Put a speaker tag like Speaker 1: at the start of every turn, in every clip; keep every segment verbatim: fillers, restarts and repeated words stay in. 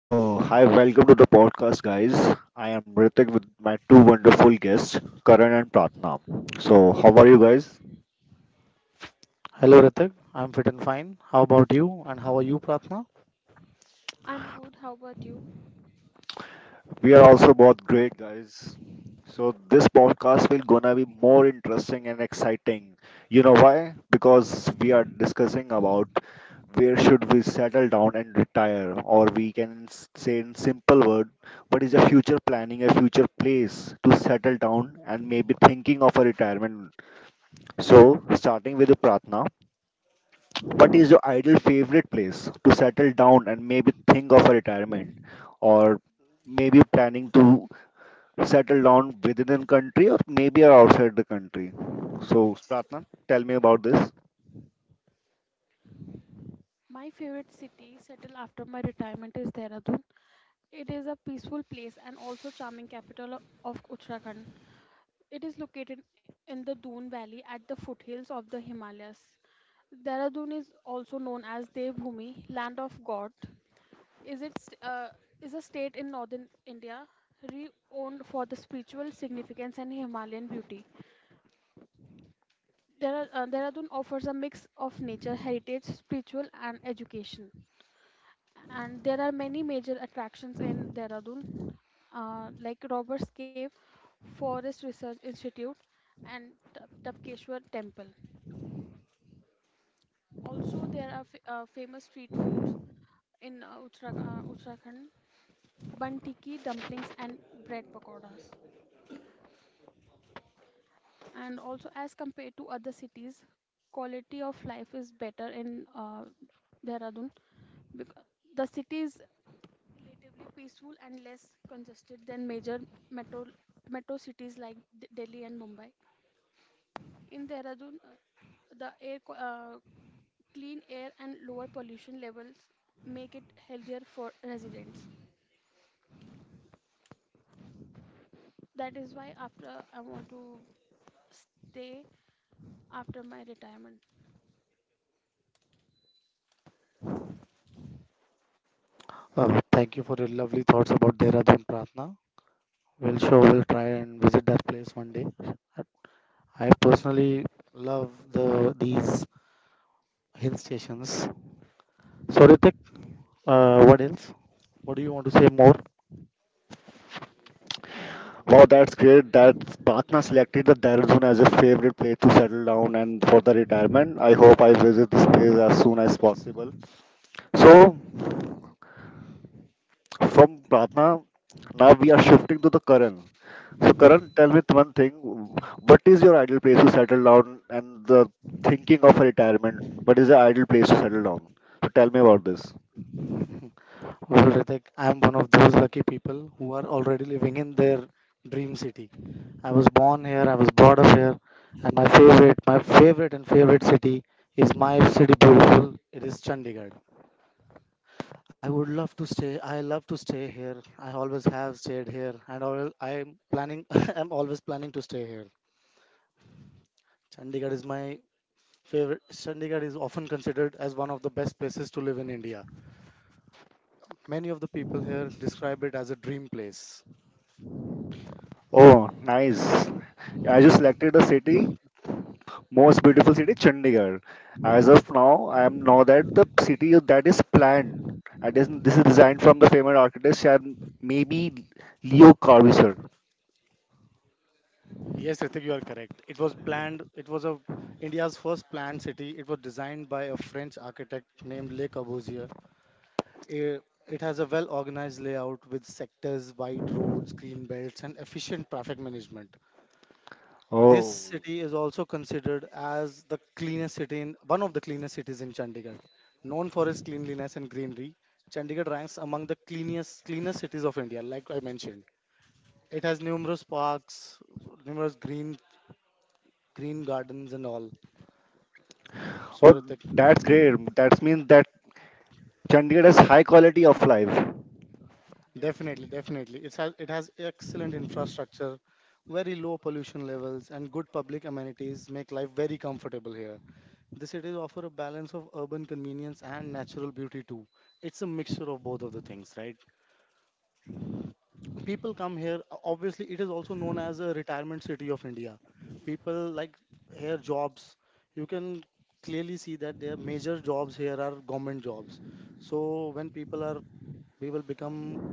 Speaker 1: So, hi, welcome to the podcast, guys. I am Ritik with my two wonderful guests, Karan and Pratnam. So, how are you guys?
Speaker 2: Hello, Ritik. I'm fit- fine. How about you? And how are you, Pratna?
Speaker 3: I'm good. How about you?
Speaker 1: We are also both great, guys. So, this podcast will gonna be more interesting and exciting. You know why? Because we are discussing about where should we settle down and retire, or we can s- say in simple word, what is a future planning, a future place to settle down, and maybe thinking of a retirement. So, starting with the Pratna. What is your ideal favorite place to settle down and maybe think of a retirement? Or maybe planning to settle down within the country or maybe outside the country? So, Pratna, tell me about this.
Speaker 3: My favorite city settle after my retirement is Dehradun. It is a peaceful place and also charming capital o- of Uttarakhand. It is located in the Doon Valley at the foothills of the Himalayas. Dehradun is also known as Devbhoomi, land of God. Is it st- uh, is a state in northern India renowned for the spiritual significance and Himalayan beauty. There are, uh, Dehradun offers a mix of nature, heritage, spiritual, and education. And there are many major attractions in Dehradun, uh, like Robert's Cave, Forest Research Institute, and Ta- Tapkeshwar Temple. Also, there are f- uh, famous street foods in uh, Uttara- uh, Uttarakhand, banti ki dumplings and bread pakoras. And also, as compared to other cities, quality of life is better in uh, Dehradun. Because the city is relatively peaceful and less congested than major metro metro cities like D- Delhi and Mumbai. In Dehradun, uh, the air qu- uh, clean air and lower pollution levels make it healthier for residents. That is why after I want to stay after my retirement.
Speaker 2: Uh, thank you for your lovely thoughts about Dehradun, Pratna. We'll sure we'll try and visit that place one day. I personally love the these hill stations. So, Ritik, uh, what else? What do you want to say
Speaker 1: Wow, that's great that Pratna selected the Dehradun as a favorite place to settle down and for the retirement. I hope I visit this place as soon as possible. So, from Pratna, now we are shifting to the Karan. So Karan, tell me one thing. What is your ideal place to settle down and the thinking of retirement? What is the ideal place to settle down? So tell me about this.
Speaker 2: more? Well, Ritik, I'm one of those lucky people who are already living in their dream city. I was born here, I was brought up here, and my favorite, my favorite and favorite city is my city beautiful. It is Chandigarh. I would love to stay. I love to stay here. I always have stayed here, and all, I'm planning. I'm always planning to stay here. Chandigarh is my favorite. Chandigarh is often considered as one of the best places to live in India. Many of the people here describe it as a dream place.
Speaker 1: Oh, nice. I just selected the city, most beautiful city, Chandigarh. As of now, I am know that the city that is planned, and is, this is designed from the famous architect, Shyam- maybe Leo Corbusier.
Speaker 2: Yes, Ritik, you are correct. It was planned. It was a India's first planned city. It was designed by a French architect named Le Corbusier. It, it has a well-organized layout with sectors, wide roads, green belts, and efficient traffic management. This
Speaker 1: Oh,
Speaker 2: city is also considered as the cleanest city in one of the cleanest cities in Chandigarh. Known for its cleanliness and greenery, Chandigarh ranks among the cleanest cleanest cities of India. Like I mentioned, it has numerous parks, numerous green green gardens and all. So
Speaker 1: oh,
Speaker 2: Ritik,
Speaker 1: that's great. That means that Chandigarh has high quality of life.
Speaker 2: definitely, definitely, it's has, it has excellent infrastructure, very low pollution levels, and good public amenities make life very comfortable here. The cities offer a balance of urban convenience and natural beauty too. It's a mixture of both of the things, right? People come here. o- Obviously, it is also known as a retirement city of India. People like here jobs. You can clearly see that their major jobs here are government jobs. So when people are people become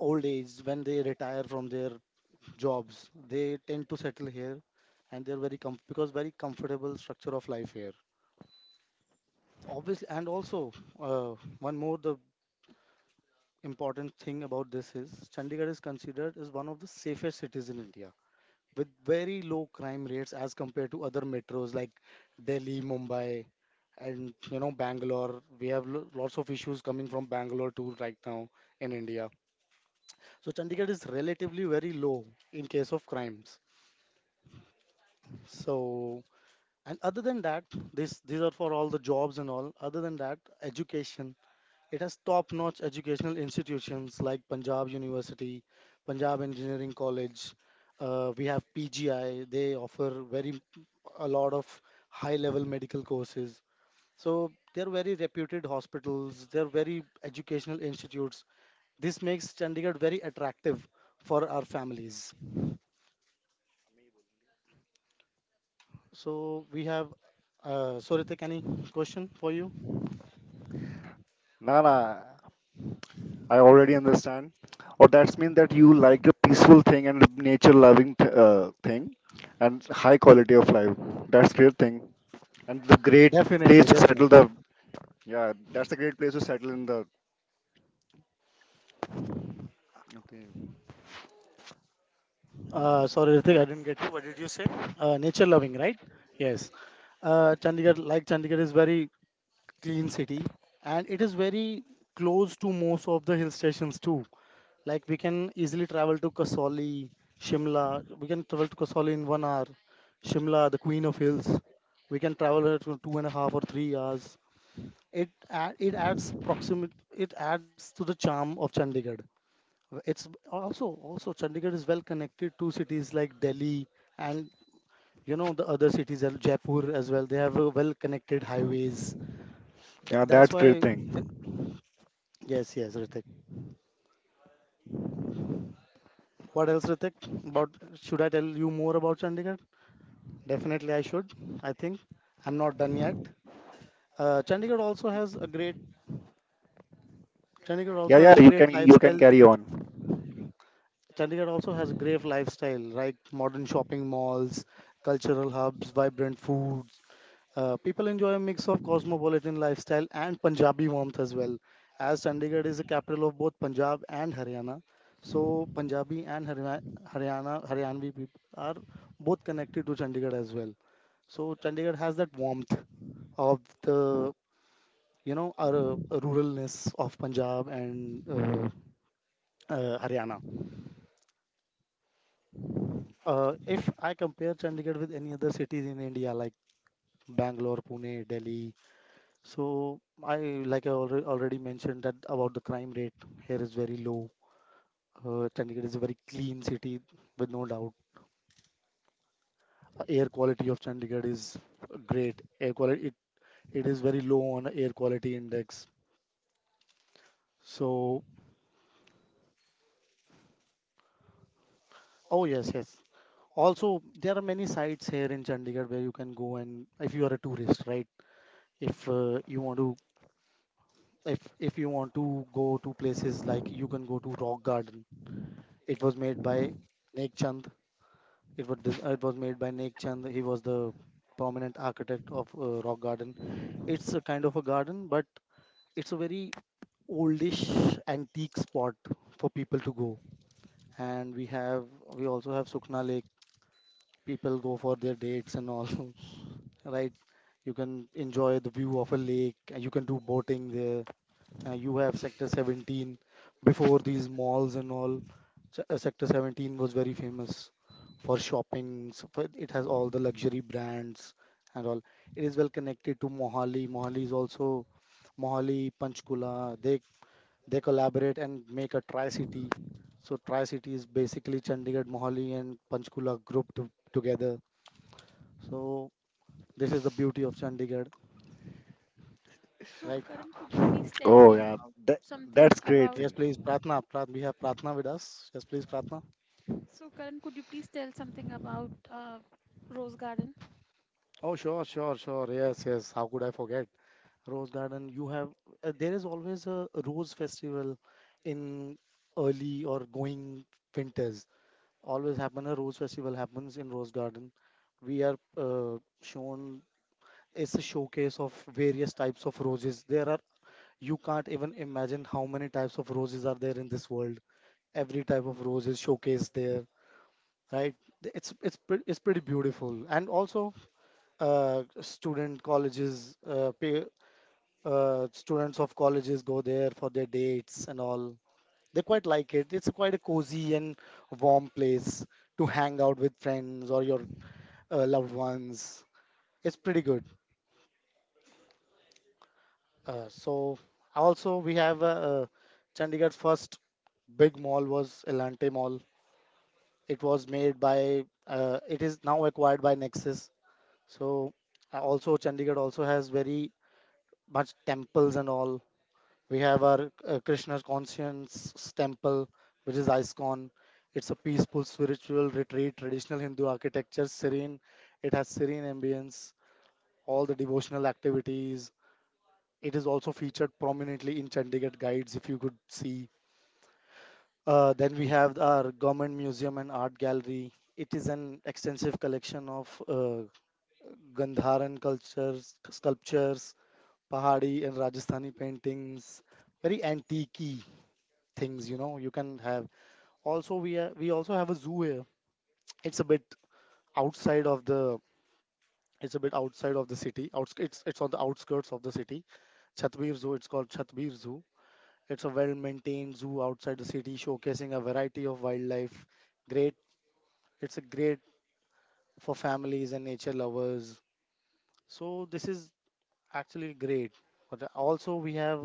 Speaker 2: old age when they retire from their jobs they tend to settle here and they're very com- because very comfortable structure of life here, obviously, and also uh, one more the important thing about this is Chandigarh is considered as one of the safest cities in India with very low crime rates as compared to other metros like Delhi, Mumbai, and you know Bangalore, we have lo- lots of issues coming from Bangalore too right now in India. So Chandigarh is relatively very low in case of crimes. So, and other than that, this these are for all the jobs and all. Other than that, education. It has top-notch educational institutions like Punjab University, Punjab Engineering College. Uh, we have P G I. They offer very a lot of high-level medical courses. So they're very reputed hospitals. They're very educational institutes. This makes Chandigarh very attractive for our families. So we have. Uh, Sorita, any question for you?
Speaker 1: Nah, nah, I already understand. Or that's mean that you like a peaceful thing and nature loving th- uh, thing and high quality of life. That's great thing. And the great place
Speaker 2: Definitely,
Speaker 1: to settle
Speaker 2: definitely.
Speaker 1: the yeah, that's a great place to settle in the okay.
Speaker 2: Uh, sorry, Ritik, I didn't get you. What did you say? Uh, nature loving, right? Yes. Uh, Chandigarh, like Chandigarh is very clean city, and it is very close to most of the hill stations too. Like we can easily travel to Kasauli, Shimla. We can travel to Kasauli in one hour. Shimla, the queen of hills. We can travel it for two and a half or three hours. It add, it adds proximity. It adds to the charm of Chandigarh. It's also Also Chandigarh is well connected to cities like Delhi and you know the other cities are Jaipur as well. They have a well connected highways. Th-
Speaker 1: Yeah,
Speaker 2: that's
Speaker 1: that's great
Speaker 2: why.
Speaker 1: thing.
Speaker 2: th- Yes, yes, Ritik. What else, Ritik? About should I tell you more about Chandigarh? Definitely, I should. I think I'm not done yet. Uh, Chandigarh also has a great Chandigarh
Speaker 1: Yeah,
Speaker 2: also has
Speaker 1: yeah,
Speaker 2: a
Speaker 1: you
Speaker 2: great
Speaker 1: can you can
Speaker 2: lifestyle.
Speaker 1: carry on.
Speaker 2: Chandigarh also has great lifestyle, like modern shopping malls, cultural hubs, vibrant foods. Uh, people enjoy a mix of cosmopolitan lifestyle and Punjabi warmth as well. As Chandigarh is the capital of both Punjab and Haryana, so Punjabi and Harya- Haryana, Haryanvi people are both connected to Chandigarh as well. So Chandigarh has that warmth of the you know our uh, ruralness of Punjab and uh, uh, Haryana. Uh, if I compare Chandigarh with any other cities in India, like Bangalore, Pune, Delhi, so I like I already already mentioned that about the crime rate here is very low. Uh, Chandigarh is a very clean city with no doubt. Uh, Air quality of Chandigarh is great. Air quality it, it is very low on air quality index. So oh, yes, yes. Also there are many sites here in Chandigarh where you can go, and if you are a tourist, right? If uh, you want to if if you want to go to places, like you can go to Rock Garden. It was made by Nek Chand it was dis- uh, it was made by Nek Chand. He was the prominent architect of uh, Rock Garden. It's a kind of a garden, but it's a very oldish antique spot for people to go. And we have we also have Sukhna Lake. People go for their dates and all. Right, you can enjoy the view of a lake and you can do boating there. Uh, you have Sector seventeen before these malls and all. Se- uh, Sector seventeen was very famous for shopping. so for- It has all the luxury brands and all. It is well connected to Mohali. Mohali is also Mohali, Panchkula. They they collaborate and make a tri-city. So tri-city is basically Chandigarh, Mohali, and Panchkula grouped to- together. So this is the beauty of Chandigarh,
Speaker 3: So,
Speaker 2: right?
Speaker 3: Karan, could you please tell me
Speaker 1: Oh yeah,
Speaker 3: about
Speaker 1: that,
Speaker 3: something
Speaker 1: that's great
Speaker 3: about?
Speaker 1: thing.
Speaker 2: Yes, please, Pratna. Prat, we have Pratna with us. Yes, please, Pratna.
Speaker 3: So, Karan, could you please tell something about uh, Rose Garden?
Speaker 2: Oh, sure, sure, sure. Yes, yes. How could I forget? Rose Garden, you have, uh, there is always a rose festival in early or going winters. Always happen, a rose festival happens in Rose Garden. We are uh, shown, it's a showcase of various types of roses. There are, you can't even imagine how many types of roses are there in this world. Every type of rose is showcased there, right? Th- It's it's pre- it's pretty beautiful. And also, uh, student colleges uh, pay, uh, students of colleges go there for their dates and all. They quite like it. It's quite a cozy and warm place to hang out with friends or your uh, loved ones. It's pretty good. uh, so Also we have uh, uh, Chandigarh's first big mall was Elante Mall. It was made by uh, it is now acquired by Nexus. so uh, Also Chandigarh also has very much temples and all. We have our uh, Krishna's Conscience Temple, which is ISKCON. It's a peaceful spiritual retreat, traditional Hindu architecture, serene. It has serene ambience, all the devotional activities. It is also featured prominently in Chandigarh guides, if you could see. Uh, then we have our government museum and art gallery. It is an extensive collection of uh, Gandharan cultures, sculptures, Pahadi and Rajasthani paintings, very antique things, you know, you can have. Also we are, we also have a zoo here. It's a bit outside of the it's a bit outside of the city. Outs it's it's on the outskirts of the city. Chatbir zoo it's called chatbir Zoo. It's a well maintained zoo outside the city showcasing a variety of wildlife. Great it's a great for families and nature lovers. So this is actually great. But also we have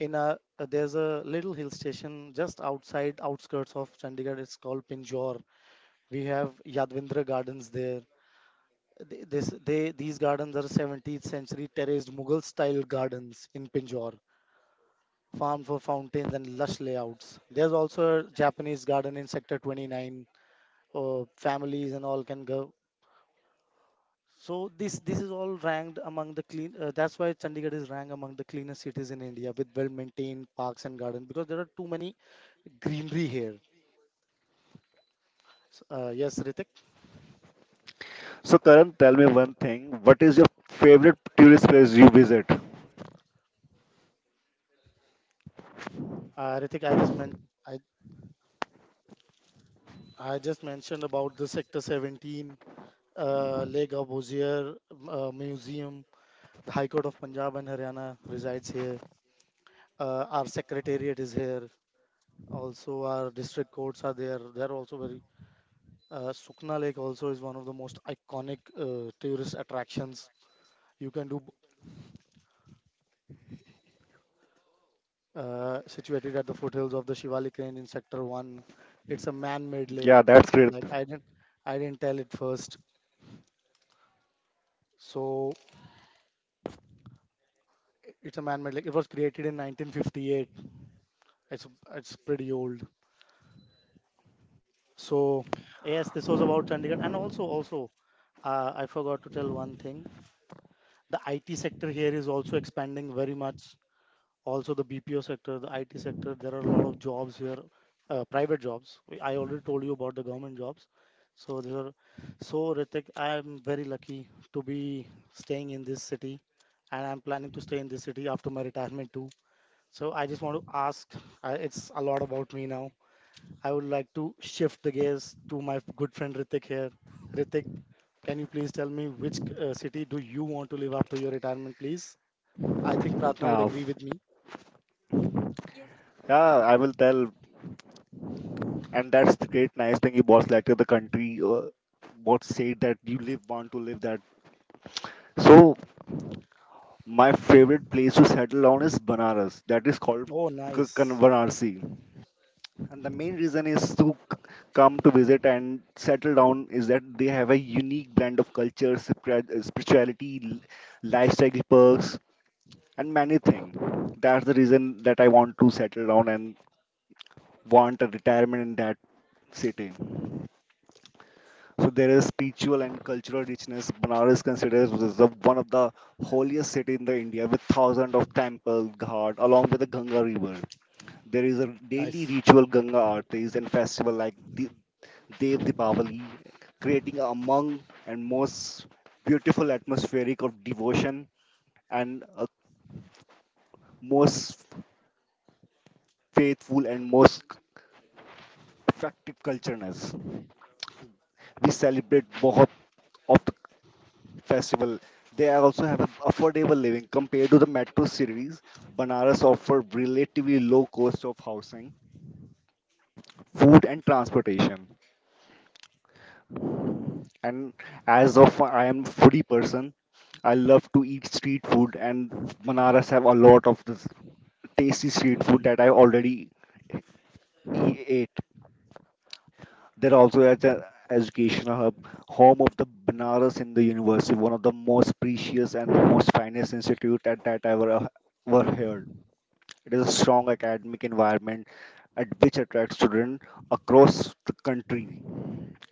Speaker 2: in a uh, there's a little hill station just outside outskirts of Chandigarh. It's called Pinjor. We have Yadvindra Gardens there. Th- This, they, these gardens are seventeenth century terraced Mughal style gardens in Pinjore, farmed for fountains and lush layouts. There's also a Japanese garden in Sector twenty-nine. Uh, families and all can go. So this this is all ranked among the clean. Uh, that's why Chandigarh is ranked among the cleanest cities in India with well maintained parks and gardens because there are too many greenery here. S- Uh, yes, Ritik.
Speaker 1: So Karan, tell me one thing. What is your favorite tourist place you visit?
Speaker 2: Uh, Ritik, I just meant I I just mentioned about the Sector seventeen, uh, Lake of, uh, Museum. The High Court of Punjab and Haryana resides here. Uh, our secretariat is here. Also, our district courts are there. They're also very. Uh, Sukna Lake also is one of the most iconic uh, tourist attractions. You can do uh, situated at the foothills of the Shivalik Range in Sector One. It's a man-made lake.
Speaker 1: Yeah, that's great.
Speaker 2: Like I didn't, I didn't tell it first. So it's a man-made lake. It was created in nineteen fifty-eight. It's it's pretty old. So yes, this was about Chandigarh, and also also uh, I forgot to tell one thing. The I T sector here is also expanding very much. Also the B P O sector, the I T sector. There are a lot of jobs here, uh, private jobs. I already told you about the government jobs. So there are, so Ritik, I am very lucky to be staying in this city, and I'm planning to stay in this city after my retirement too. So I just want to ask. Uh, it's a lot about me now. I would like to shift the gaze to my good friend Ritik here. Ritik, can you please tell me which uh, city do you want to live after your retirement, please? I think Pratna would
Speaker 1: Uh,
Speaker 2: agree with me.
Speaker 3: Yes.
Speaker 1: Yeah, I will tell. And that's the great nice thing. You boss like to the country. Uh, what say that you live want to live that. So my favorite place to settle on is Banaras. That is called
Speaker 2: Oh,
Speaker 1: K- Kan-
Speaker 2: nice.
Speaker 1: Varanasi. And the main reason is to c- come to visit and settle down is that they have a unique blend of culture, spira- spirituality, l- lifestyle perks, and many things. That's the reason that I want to settle down and want a retirement in that city. So there is spiritual and cultural richness. Banaras considered as the- one of the holiest city in the India, with thousands of temples, ghat, along with the Ganga River. There is a daily
Speaker 2: Nice.
Speaker 1: ritual Ganga artis and festival like the Dev Deepavali, creating a among and most beautiful atmospheric of devotion and a most faithful and most effective cultureness. We celebrate both of festival. They also have a affordable living compared to the metro cities. Banaras offer relatively low cost of housing, food, and transportation. And as of I am foodie person, I love to eat street food, and Banaras have a lot of this tasty street food that I already e- ate. They also as an educational hub, home of the Banaras Hindu University, one of the most precious and the most finest institute at that I ever, ever heard. It is a strong academic environment at which attracts students across the country.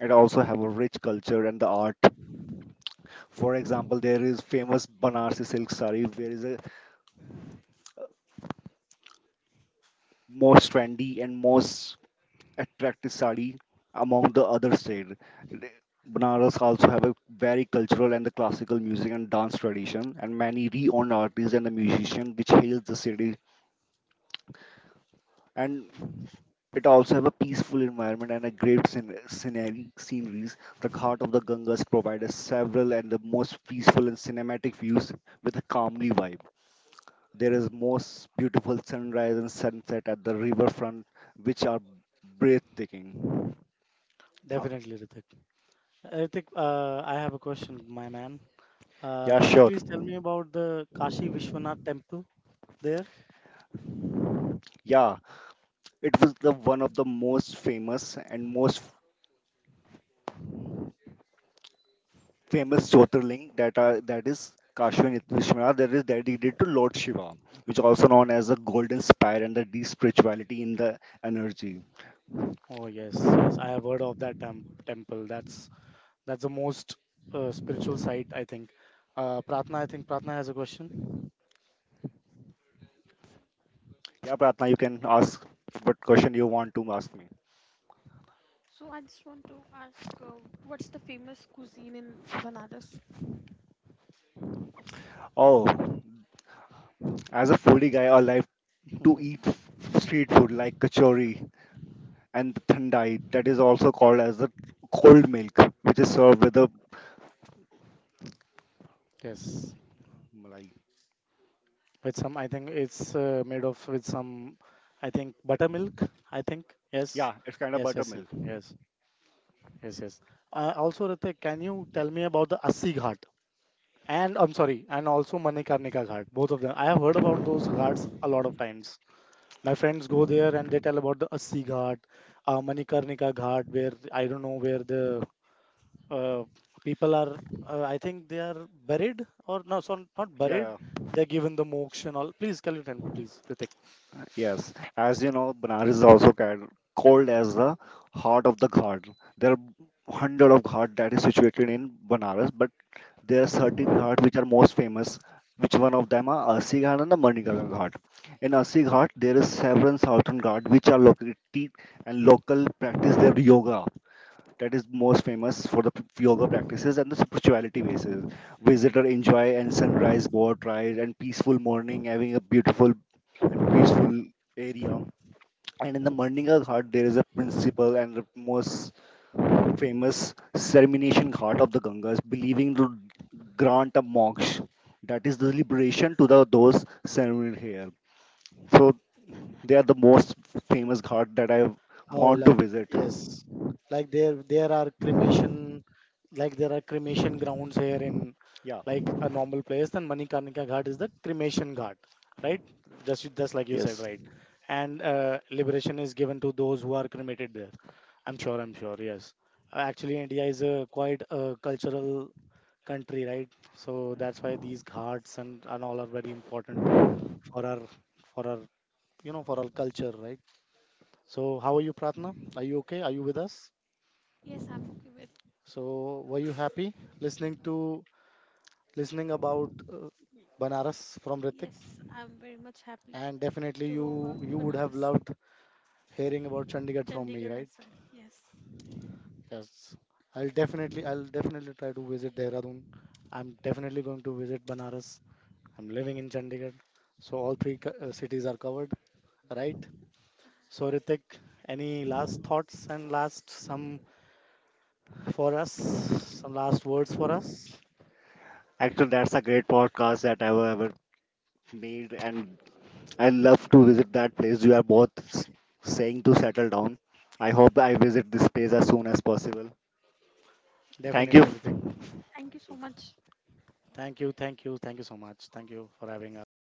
Speaker 1: It also have a rich culture and the art. For example, there is famous Banarsi silk sari, where is a most trendy and most attractive sari among the other state. Banaras also have a very cultural and the classical music and dance tradition, and many renowned artists and the musicians which hails the city. And it also have a peaceful environment and a great scen- scenery, sceneries. The Ghat of the Ganges provides several and the most peaceful and cinematic views with a calmly vibe. There is most beautiful sunrise and sunset at the riverfront, which are breathtaking. Uh,
Speaker 2: Definitely, Ritik. Ritik, uh, I have a question, my man. Uh,
Speaker 1: yeah,
Speaker 2: can you
Speaker 1: sure.
Speaker 2: please tell me about the Kashi Vishwanath temple there?
Speaker 1: Yeah, it was the one of the most famous and most famous Jyotirling that are that is Kashvan Vishwanath that is dedicated to Lord Shiva, which also known as the golden spire and the deep spirituality in the energy.
Speaker 2: Oh, yes, yes. I have heard of that temp temple. That's that's the most uh, spiritual site, I think. Uh, Pratna, I think Pratna has a question.
Speaker 1: Yeah, Pratna, you can ask what question you want to ask me.
Speaker 3: So I just want to ask, uh, what's the famous cuisine in Banaras?
Speaker 1: Oh, as a foodie guy, I like to eat f- street food like kachori and the thandai, that is also called as the cold milk, which is served with a
Speaker 2: Yes.
Speaker 1: malai.
Speaker 2: With some, I think it's uh, made of with some, I think, buttermilk, I think. Yes,
Speaker 1: Yeah, it's kind of
Speaker 2: yes, yes, yes,
Speaker 1: buttermilk.
Speaker 2: yes, yes, yes. Uh, also Ritik, can you tell me about the Assi Ghat, and I'm sorry, and also Manikarnika Ghat? Both of them, I have heard about those ghats a lot of times. My friends go there and they tell about the Assi Ghat, uh, Manikarnika Ghat, where I don't know where the uh, people are, uh, I think they are buried, or no, so not buried,
Speaker 1: Yeah, yeah.
Speaker 2: they're given the moksha and all. Please can you tell me, please, Ritik?
Speaker 1: Yes, as you know, Banaras is also ca- called as the heart of the Ghat. There are hundred of Ghat that is situated in Banaras, but there are certain Ghat which are most famous. Which one of them are Assi Ghat and the Manikarnika Ghat. In Assi Ghat, there is several southern Ghat which are located and local practice their yoga that is most famous for the p- yoga practices and the spirituality basis. Visitor enjoy and sunrise boat ride and peaceful morning having a beautiful and peaceful area. And in the Marninga Ghat there is a principal and the most famous ceremoniation ghat of the Gangas, believing to grant a moksha. That is the liberation to the those ceremonied here. So they are the most famous ghat that I
Speaker 2: Oh,
Speaker 1: want to
Speaker 2: like
Speaker 1: visit.
Speaker 2: yes, like there there are cremation, like there are cremation grounds here in
Speaker 1: Yeah.
Speaker 2: like a normal place. Then Manikarnika Ghat is the cremation ghat, right? Just you- just like you said,
Speaker 1: Yes.
Speaker 2: right? And uh, liberation is given to those who are cremated there. I'm sure, I'm sure, yes. Uh, Actually, India is a quite a cultural country, right? So that's why these ghats and, and all are very important for our for our, you know, for our culture, right? So, how are you, Pratna? Are you okay? Are you with us?
Speaker 3: Yes, I'm okay with.
Speaker 2: So, were you happy listening to listening about uh, Banaras from Ritik?
Speaker 3: Yes, I'm very much happy
Speaker 2: And definitely,
Speaker 3: to
Speaker 2: you
Speaker 3: know about
Speaker 2: you would have
Speaker 3: Banaras,
Speaker 2: loved hearing about Chandigarh from me,
Speaker 3: Chandigarh
Speaker 2: right?
Speaker 3: as well. Yes.
Speaker 2: Yes, I'll definitely I'll definitely try to visit Dehradun. I'm definitely going to visit Banaras. I'm living in Chandigarh, so all three co- uh, cities are covered, right? So, Ritik, any last thoughts and last some for us, some last words for us?
Speaker 1: Actually, that's a great podcast that I've ever made, and I love to visit that place. You are both s- saying to settle down. I hope I visit this place as soon as possible. Thank
Speaker 2: Definitely, Ritik.
Speaker 1: you.
Speaker 3: Thank you so much.
Speaker 2: Thank you, thank you, thank you so much. Thank you for having us.